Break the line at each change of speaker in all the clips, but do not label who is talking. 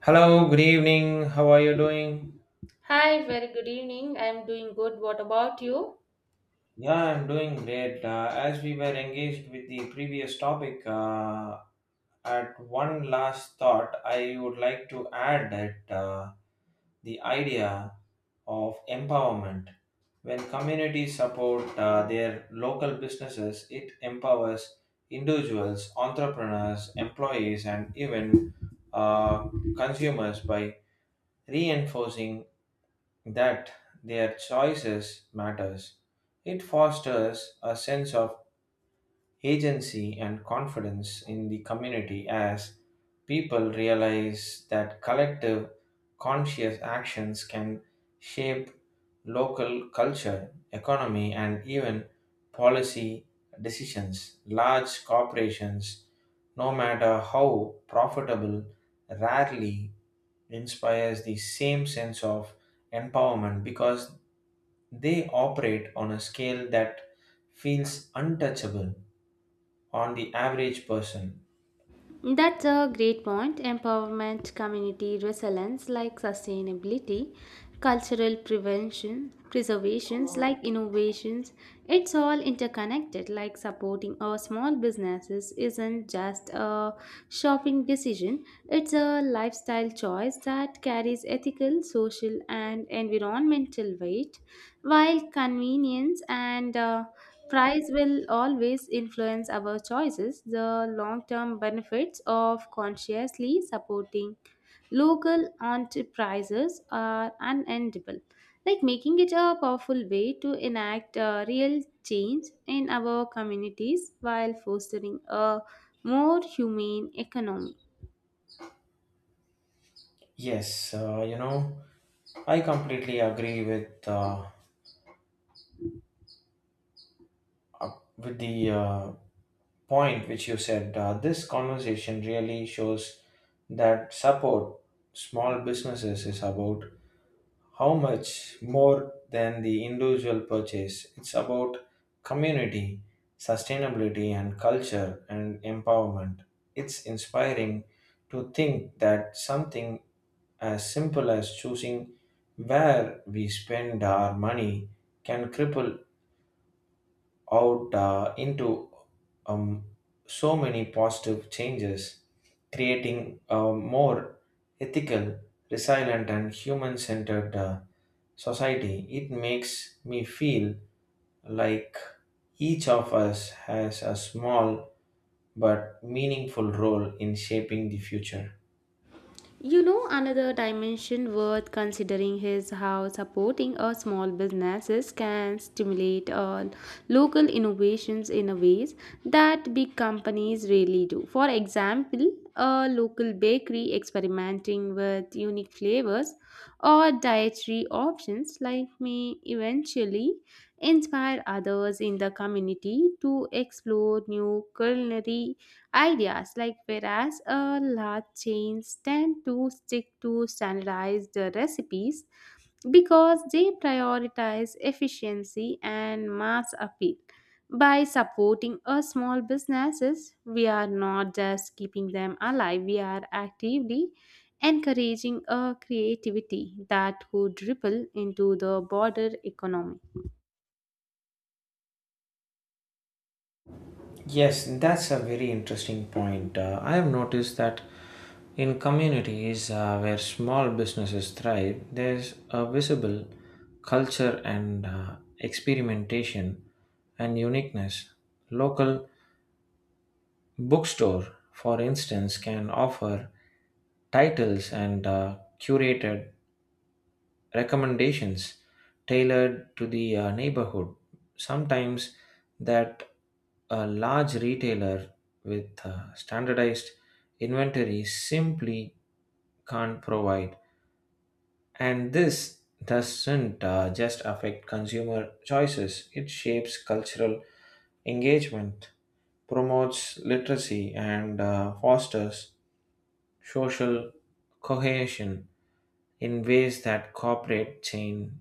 Hello, good evening. How are you doing?
Hi, very good evening. I'm doing good. What about you?
Yeah, I'm doing great. As we were engaged with the previous topic, at one last thought, I would like to add that the idea of empowerment. When communities support their local businesses, it empowers individuals, entrepreneurs, employees, and even uh, consumers by reinforcing that their choices matters. It fosters a sense of agency and confidence in the community as people realize that collective conscious actions can shape local culture, economy and even policy decisions. Large corporations, no matter how profitable, rarely inspires the same sense of empowerment because they operate on a scale that feels untouchable on the average person.
That's a great point. Empowerment, community resilience like sustainability, cultural prevention, preservations like innovations. It's all interconnected. Like supporting our small businesses isn't just a shopping decision. It's a lifestyle choice that carries ethical, social, and environmental weight, while convenience and price will always influence our choices. The long term benefits of consciously supporting local enterprises are unendable, like making it a powerful way to enact real change in our communities while fostering a more humane economy.
Yes, I completely agree with uh, with the point which you said. This conversation really shows that support small businesses is about how much more than the individual purchase. It's about community, sustainability, and culture and empowerment. It's inspiring to think that something as simple as choosing where we spend our money can cripple out into um, so many positive changes, creating a more ethical, resilient, and human centered society. It makes me feel like each of us has a small but meaningful role in shaping the future.
You know, another dimension worth considering is how supporting a small businesses can stimulate local innovations in a ways that big companies really do. For example, a local bakery experimenting with unique flavors or dietary options like may eventually inspire others in the community to explore new culinary ideas, like whereas a large chains tend to stick to standardized recipes because they prioritize efficiency and mass appeal. By supporting a small businesses, we are not just keeping them alive, we are actively encouraging a creativity that could ripple into the broader economy.
Yes, that's a very interesting point. I have noticed that in communities where small businesses thrive, there's a visible culture and experimentation and uniqueness. Local bookstore, for instance, can offer titles and curated recommendations tailored to the neighborhood. Sometimes that a large retailer with standardized inventory simply can't provide. And this doesn't just affect consumer choices, it shapes cultural engagement, promotes literacy, and fosters social cohesion in ways that corporate chain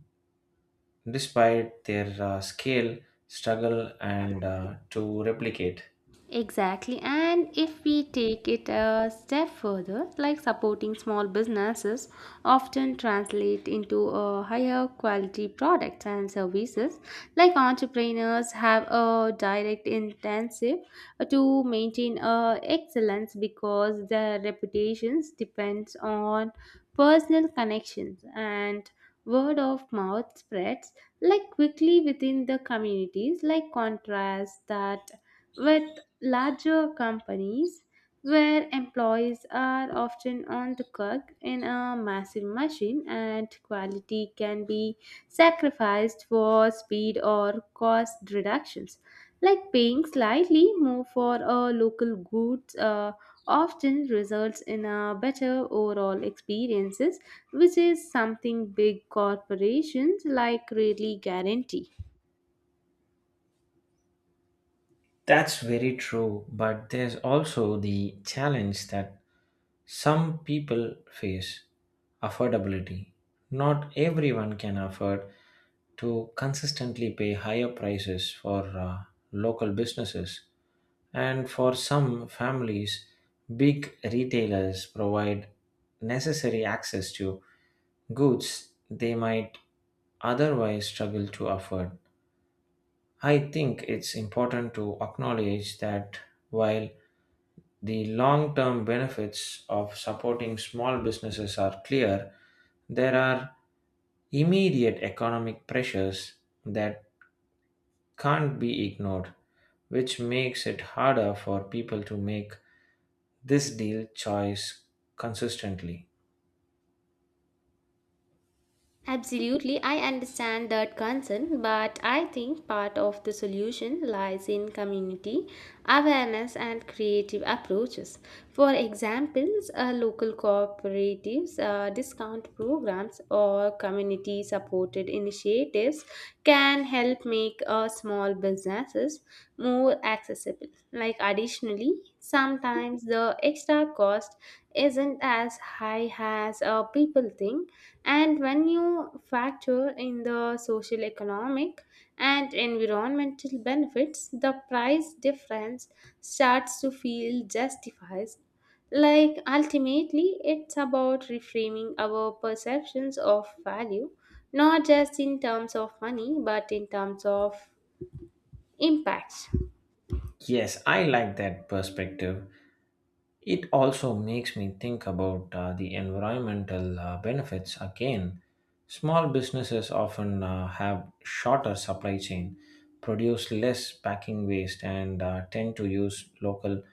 despite their scale, struggle, and to replicate.
Exactly. And if we take it a step further, like supporting small businesses often translate into a higher quality products and services. Like entrepreneurs have a direct intensive to maintain excellence because their reputations depends on personal connections and word of mouth spreads like quickly within the communities. Like contrast that with larger companies where employees are often on the clock in a massive machine and quality can be sacrificed for speed or cost reductions, like paying slightly more for a local goods often results in a better overall experiences, which is something big corporations like really guarantee.
That's very true, but there's also the challenge that some people face affordability. Not everyone can afford to consistently pay higher prices for local businesses, and for some families, big retailers provide necessary access to goods they might otherwise struggle to afford. I think it's important to acknowledge that while the long term benefits of supporting small businesses are clear, there are immediate economic pressures that can't be ignored, which makes it harder for people to make this deal choice consistently.
Absolutely, I understand that concern, but I think part of the solution lies in community awareness and creative approaches. For examples, local cooperatives, discount programs, or community supported initiatives can help make small businesses more accessible. Like, additionally, sometimes the extra cost isn't as high as people think, and when you factor in the social economic and environmental benefits, the price difference starts to feel justified. Like, ultimately, it's about reframing our perceptions of value, not just in terms of money but in terms of impact.
Yes, I like that perspective. It also makes me think about the environmental benefits again. Small businesses often have shorter supply chain, produce less packing waste, and tend to use local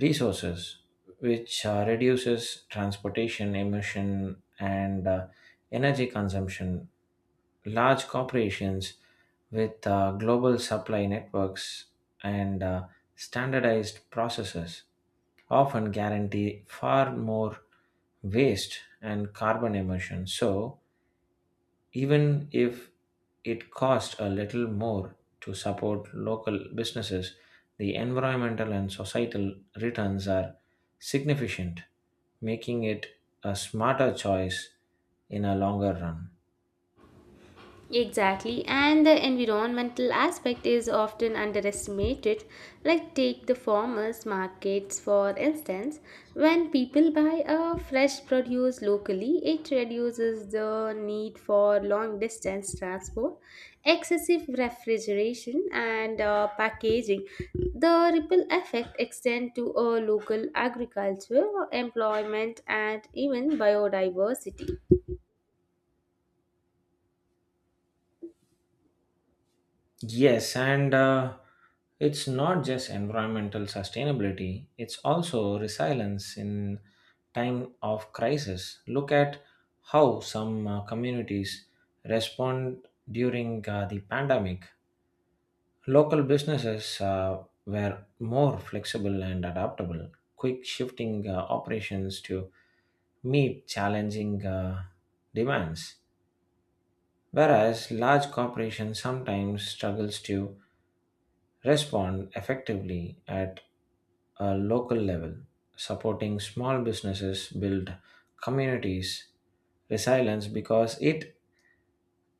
resources, which reduces transportation emission and energy consumption. Large corporations with global supply networks and standardized processes often guarantee far more waste and carbon emissions. So, even if it costs a little more to support local businesses, the environmental and societal returns are significant, making it a smarter choice in a longer run.
Exactly, and the environmental aspect is often underestimated. Like, take the farmers' markets for instance. When people buy a fresh produce locally, it reduces the need for long distance transport, excessive refrigeration, and packaging. The ripple effect extends to local agriculture, employment, and even biodiversity.
Yes, and it's not just environmental sustainability, it's also resilience in time of crisis. Look at how some communities respond during the pandemic. Local businesses were more flexible and adaptable, quick shifting operations to meet challenging demands, whereas large corporations sometimes struggles to respond effectively at a local level, supporting small businesses build communities resilience because it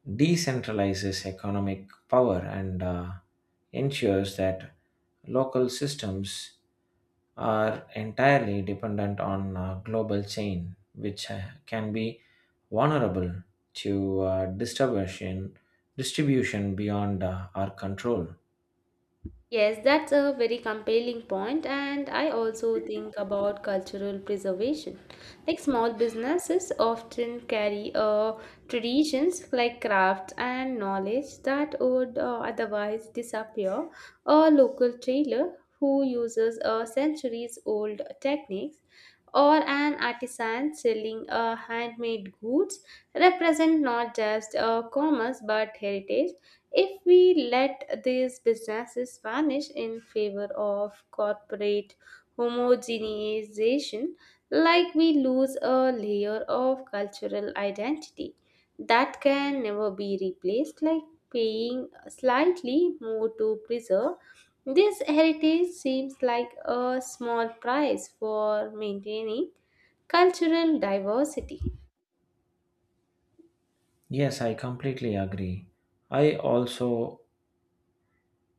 decentralizes economic power and ensures that local systems are entirely dependent on a global chain which can be vulnerable to distribution beyond our control.
Yes, that's a very compelling point, and I also think about cultural preservation. Like small businesses often carry traditions like crafts and knowledge that would otherwise disappear. A local tailor who uses centuries-old techniques or an artisan selling handmade goods represent not just commerce but heritage. If we let these businesses vanish in favor of corporate homogenization, like we lose a layer of cultural identity that can never be replaced, like paying slightly more to preserve. This heritage seems like a small price for maintaining cultural diversity.
Yes, I completely agree. I also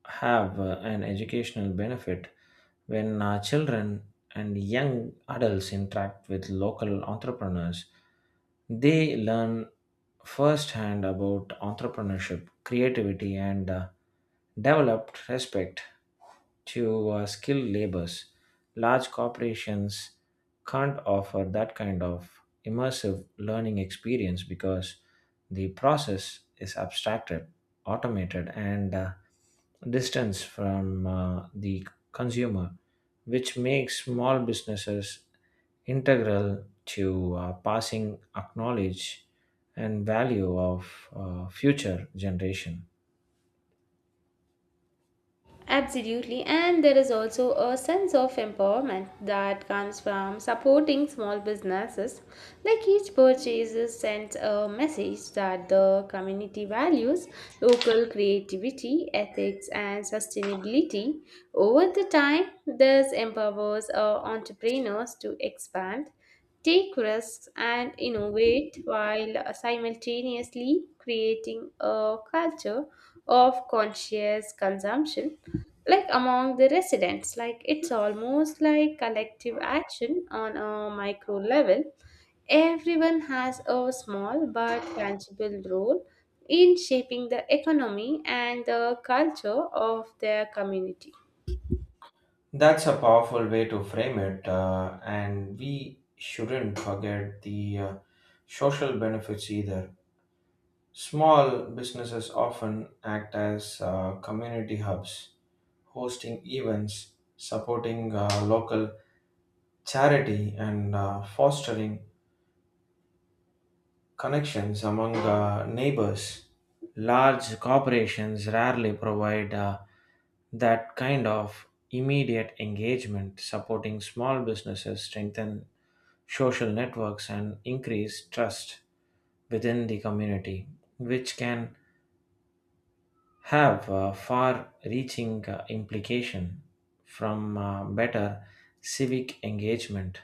have an educational benefit when children and young adults interact with local entrepreneurs. They learn firsthand about entrepreneurship, creativity, and developed respect to skilled labors. Large corporations can't offer that kind of immersive learning experience because the process is abstracted, automated, and distance from the consumer, which makes small businesses integral to passing acknowledge and value of future generation.
Absolutely, and there is also a sense of empowerment that comes from supporting small businesses. Like each purchase sends a message that the community values local creativity, ethics, and sustainability. Over the time, this empowers entrepreneurs to expand, take risks, and innovate while simultaneously creating a culture of conscious consumption, like among the residents. Like it's almost like collective action on a micro level. Everyone has a small but tangible role in shaping the economy and the culture of their community.
That's a powerful way to frame it, and we shouldn't forget the social benefits either. Small businesses often act as community hubs, hosting events, supporting local charity and fostering connections among neighbors. Large corporations rarely provide that kind of immediate engagement, supporting small businesses, strengthen social networks, and increase trust within the community, which can have a far-reaching implication from better civic engagement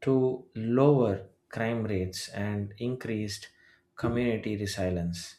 to lower crime rates and increased community resilience.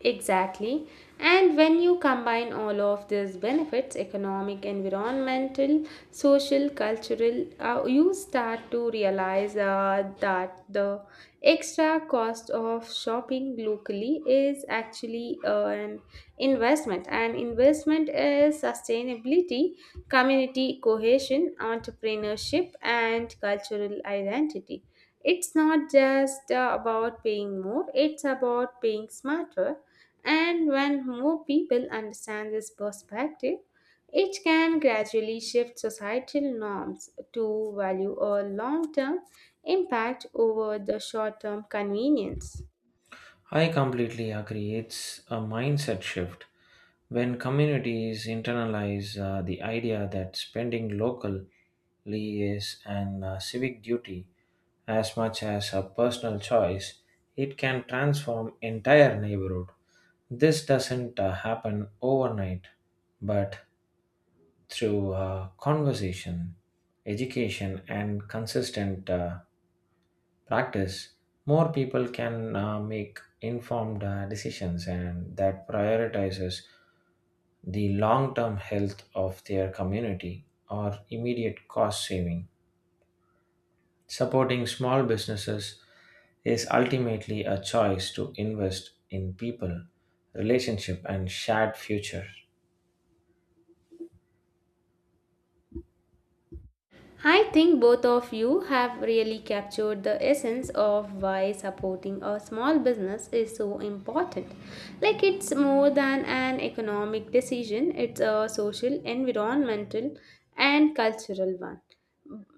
Exactly. And when you combine all of these benefits economic, environmental, social, cultural you start to realize that the extra cost of shopping locally is actually an investment. And investment is sustainability, community cohesion, entrepreneurship, and cultural identity. It's not just about paying more, it's about paying smarter, and when more people understand this perspective, it can gradually shift societal norms to value a long term impact over the short term convenience.
I completely agree. It's a mindset shift. When communities internalize the idea that spending locally is an civic duty as much as a personal choice, it can transform entire neighborhood. This doesn't happen overnight, but through conversation, education, and consistent practice, more people can make informed decisions and that prioritizes the long-term health of their community or immediate cost saving. Supporting small businesses is ultimately a choice to invest in people, relationship, and shared future.
I think both of you have really captured the essence of why supporting a small business is so important. Like, it's more than an economic decision, it's a social, environmental, and cultural one.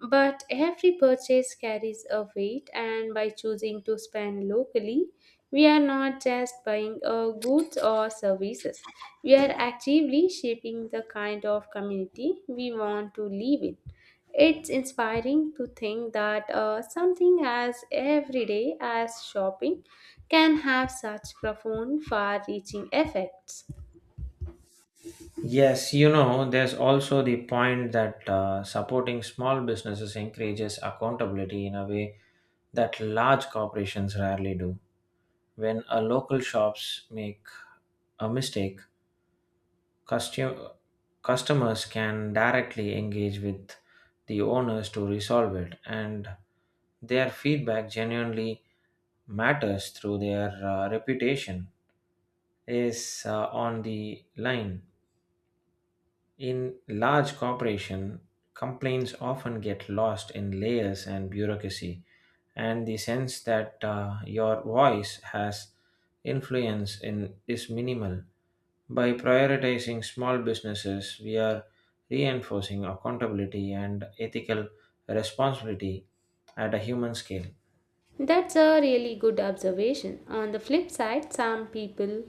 But every purchase carries a weight, and by choosing to spend locally, we are not just buying goods or services. We are actively shaping the kind of community we want to live in. It's inspiring to think that something as everyday as shopping can have such profound, far reaching effects.
Yes, you know, there's also the point that supporting small businesses encourages accountability in a way that large corporations rarely do. When a local shops make a mistake, custo- customers can directly engage with the owners to resolve it, and their feedback genuinely matters through their reputation is on the line. In large corporation, complaints often get lost in layers and bureaucracy, and the sense that your voice has influence in is minimal. By prioritizing small businesses, we are reinforcing accountability and ethical responsibility at a human scale.
That's a really good observation. On the flip side, some people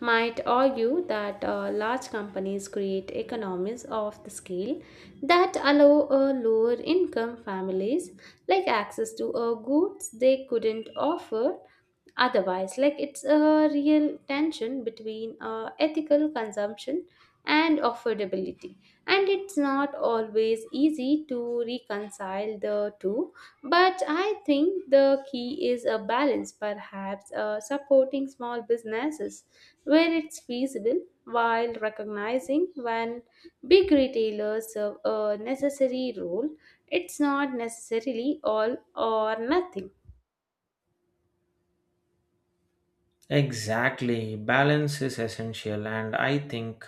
might argue that large companies create economies of the scale that allow lower income families like access to goods they couldn't offer otherwise. Like it's a real tension between ethical consumption and affordability, and it's not always easy to reconcile the two, but I think the key is a balance, perhaps supporting small businesses where it's feasible while recognizing when big retailers serve a necessary role. It's not necessarily all or nothing.
Exactly, balance is essential, and I think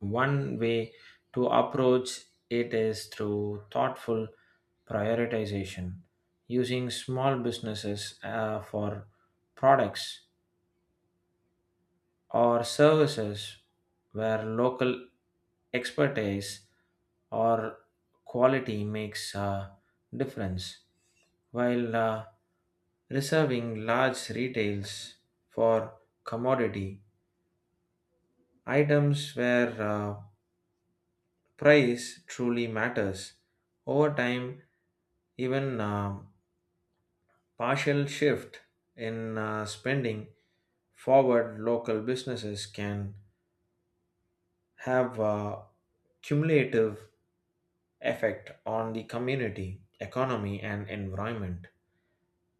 one way to approach it is through thoughtful prioritization, using small businesses for products or services where local expertise or quality makes a difference, while reserving large retails for commodity items where price truly matters. Over time, even partial shift in spending forward local businesses can have a cumulative effect on the community, economy, and environment.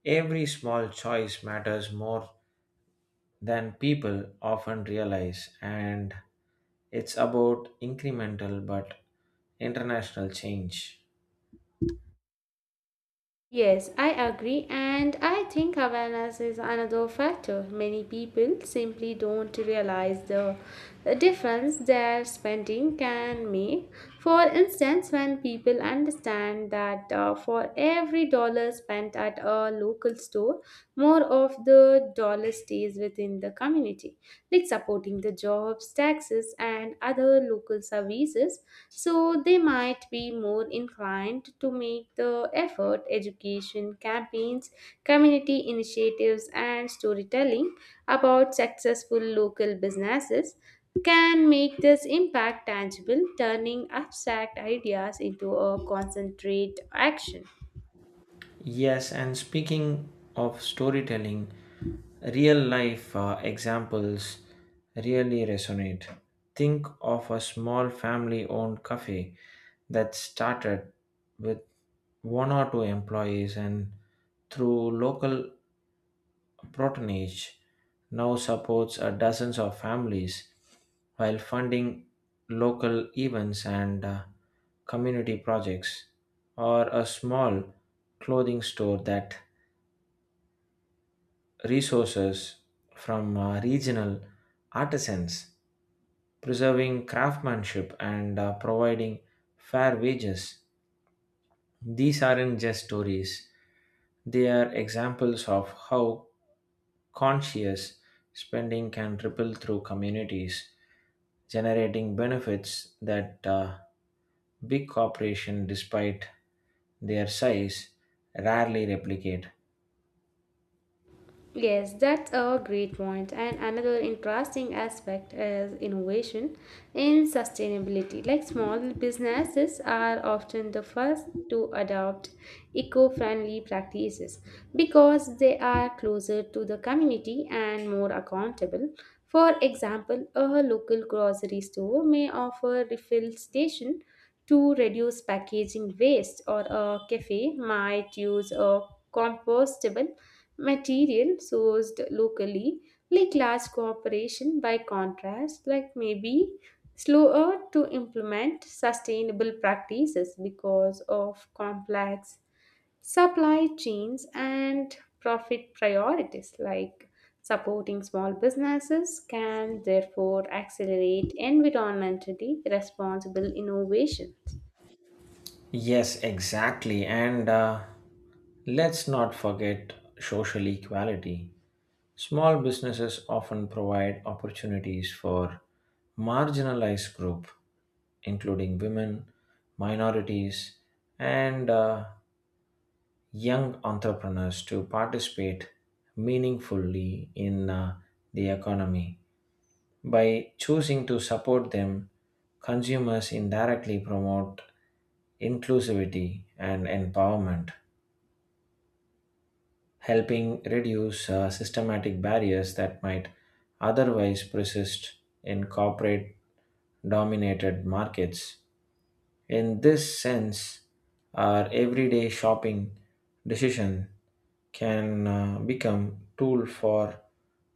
Every small choice matters more than people often realize, and it's about incremental but international change.
Yes, I agree, and I think awareness is another factor. Many people simply don't realize the difference their spending can make. For instance, when people understand that for every dollar spent at a local store, more of the dollar stays within the community, like supporting the jobs, taxes, and other local services, so they might be more inclined to make the effort. Education campaigns, community initiatives, and storytelling about successful local businesses can make this impact tangible, turning abstract ideas into a concentrate action.
Yes, and speaking of storytelling, real life examples really resonate. Think of a small family owned cafe that started with one or two employees and through local Protonage now supports dozens of families while funding local events and community projects, or a small clothing store that resources from regional artisans, preserving craftsmanship and providing fair wages. These aren't just stories, they are examples of how conscious spending can ripple through communities, generating benefits that big corporations, despite their size, rarely replicate.
Yes, that's a great point. And another interesting aspect is innovation in sustainability. Like small businesses are often the first to adopt eco friendly practices because they are closer to the community and more accountable. For example, a local grocery store may offer refill station to reduce packaging waste, or a cafe might use a compostable material sourced locally. Like large corporation by contrast like maybe slower to implement sustainable practices because of complex supply chains and profit priorities. Like supporting small businesses can therefore accelerate environmentally responsible innovation.
Yes, exactly. And let's not forget social equality. Small businesses often provide opportunities for marginalized groups, including women, minorities, and young entrepreneurs to participate meaningfully in the economy. By choosing to support them, consumers indirectly promote inclusivity and empowerment, helping reduce systematic barriers that might otherwise persist in corporate dominated markets. In this sense, our everyday shopping decision can become tool for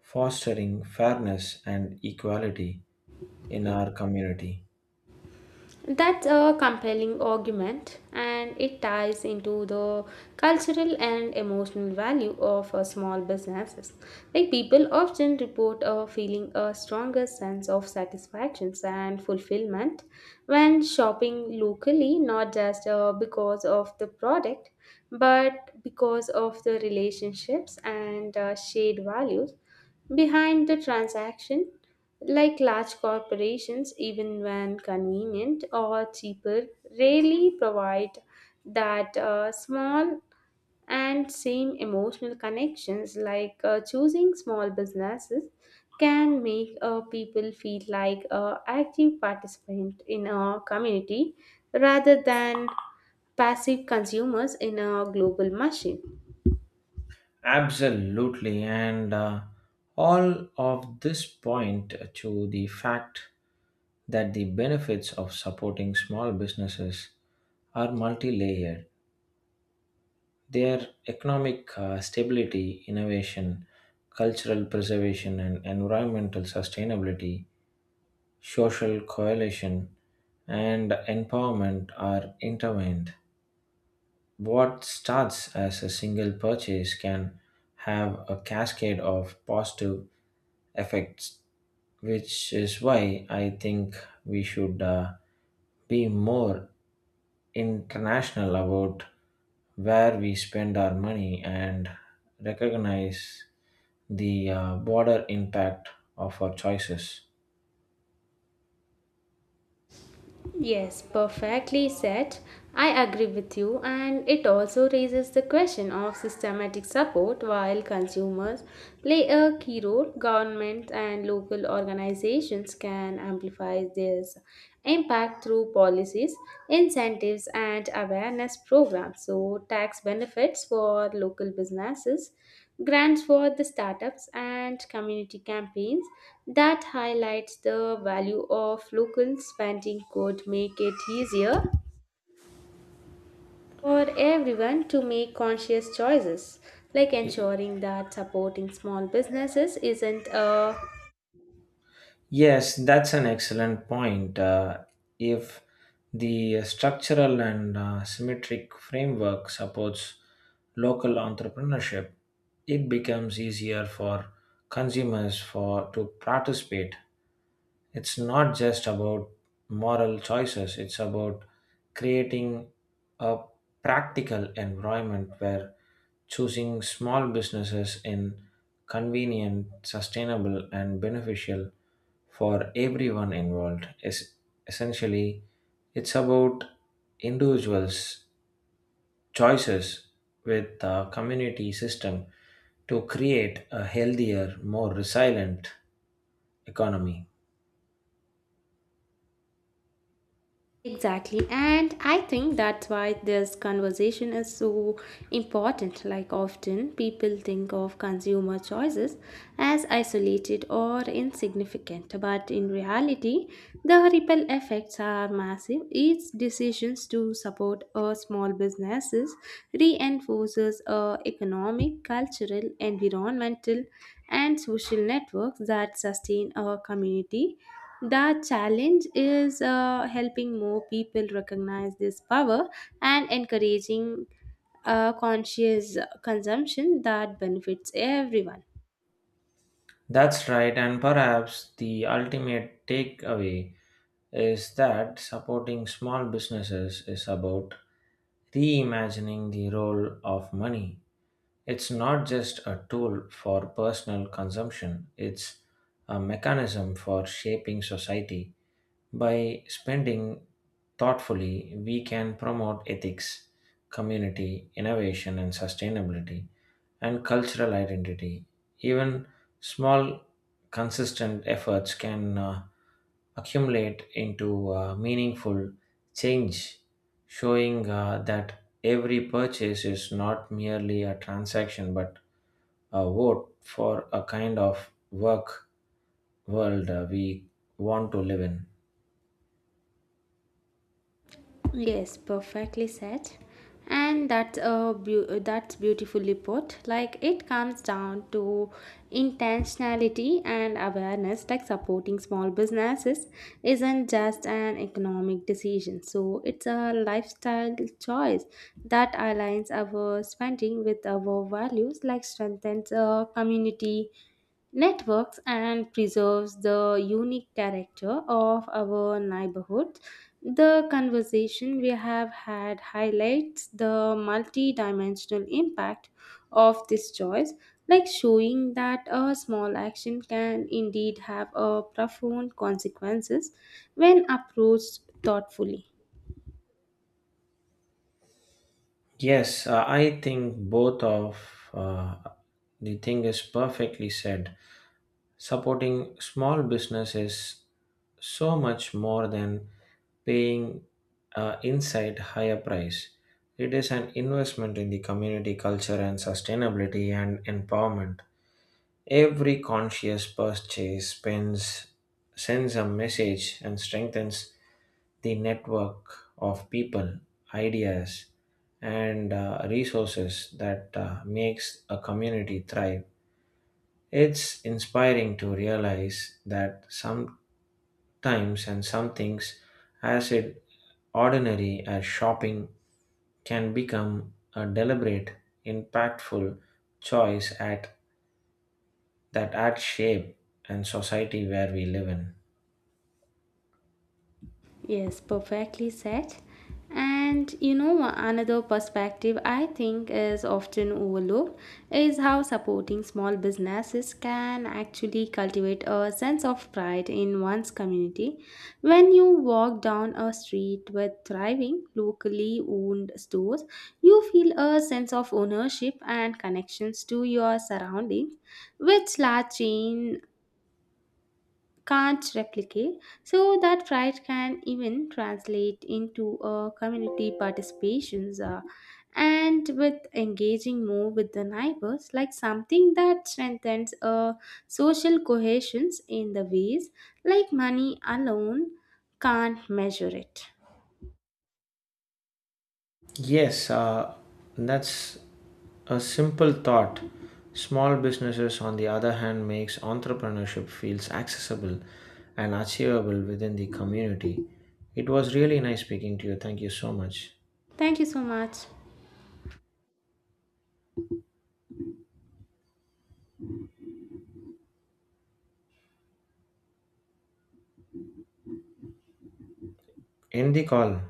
fostering fairness and equality in our community.
That's a compelling argument, and it ties into the cultural and emotional value of small businesses. Like people often report feeling a stronger sense of satisfaction and fulfillment when shopping locally, not just because of the product, but because of the relationships and shared values behind the transaction. Like large corporations, even when convenient or cheaper, rarely provide that small and same emotional connections. Like choosing small businesses can make people feel like a active participant in a community rather than passive consumers in a global machine.
Absolutely, and all of this point to the fact that the benefits of supporting small businesses are multi-layered. Their economic stability, innovation, cultural preservation, and environmental sustainability, social coalition, and empowerment are intertwined. What starts as a single purchase can have a cascade of positive effects, which is why I think we should be more international about where we spend our money and recognize the broader impact of our choices.
Yes, perfectly said. I agree with you, and it also raises the question of systematic support while consumers play a key role. Governments and local organizations can amplify this impact through policies, incentives, and awareness programs. So, tax benefits for local businesses, grants for the startups, and community campaigns that highlights the value of local spending could make it easier for everyone to make conscious choices, like ensuring that supporting small businesses isn't a
Yes, that's an excellent point. If the structural and symmetric framework supports local entrepreneurship, it becomes easier for consumers for to participate. It's not just about moral choices, it's about creating a practical environment where choosing small businesses in convenient, sustainable and beneficial for everyone involved. Essentially, it's about individuals' choices with the community system to create a healthier, more resilient economy.
Exactly. And I think that's why this conversation is so important. Like, often people think of consumer choices as isolated or insignificant, but in reality, the ripple effects are massive. Each decisions to support a small businesses reinforces a economic, cultural, environmental, and social networks that sustain a community. The challenge is helping more people recognize this power and encouraging conscious consumption that benefits everyone.
That's right, and perhaps the ultimate takeaway is that supporting small businesses is about reimagining the role of money. It's not just a tool for personal consumption, it's a mechanism for shaping society. By spending thoughtfully, we can promote ethics, community, innovation, and sustainability, and cultural identity. Even small, consistent efforts can accumulate into meaningful change, showing that every purchase is not merely a transaction but vote for a kind of work world we want to live in.
Yes, perfectly said. And that's beautifully put. Like it comes down to intentionality and awareness. Like supporting small businesses isn't just an economic decision. So it's a lifestyle choice that aligns our spending with our values. Like strengthens a community networks and preserves the unique character of our neighborhood. The conversation we have had highlights the multi-dimensional impact of this choice, like showing that a small action can indeed have a profound consequences when approached thoughtfully.
Yes, I think both of uh, the thing is perfectly said. Supporting small business is so much more than paying inside higher price. It is an investment in the community culture and sustainability and empowerment. Every conscious purchase spends, sends a message and strengthens the network of people, ideas, and resources that makes a community thrive. It's inspiring to realize that sometimes and some things, as it ordinary as shopping, can become a deliberate, impactful choice at that add shape and society where we live in.
Yes, perfectly said. And you know, another perspective I think is often overlooked is how supporting small businesses can actually cultivate a sense of pride in one's community. When you walk down a street with thriving, locally owned stores, you feel a sense of ownership and connections to your surroundings, which large chain can't replicate. So that pride can even translate into community participations and with engaging more with the neighbors, like something that strengthens social cohesions in the ways like money alone can't measure it.
Yes, that's a simple thought. Small businesses, on the other hand, makes entrepreneurship feels accessible and achievable within the community. It was really nice speaking to you. Thank you so much.
Thank you so much.
End the call.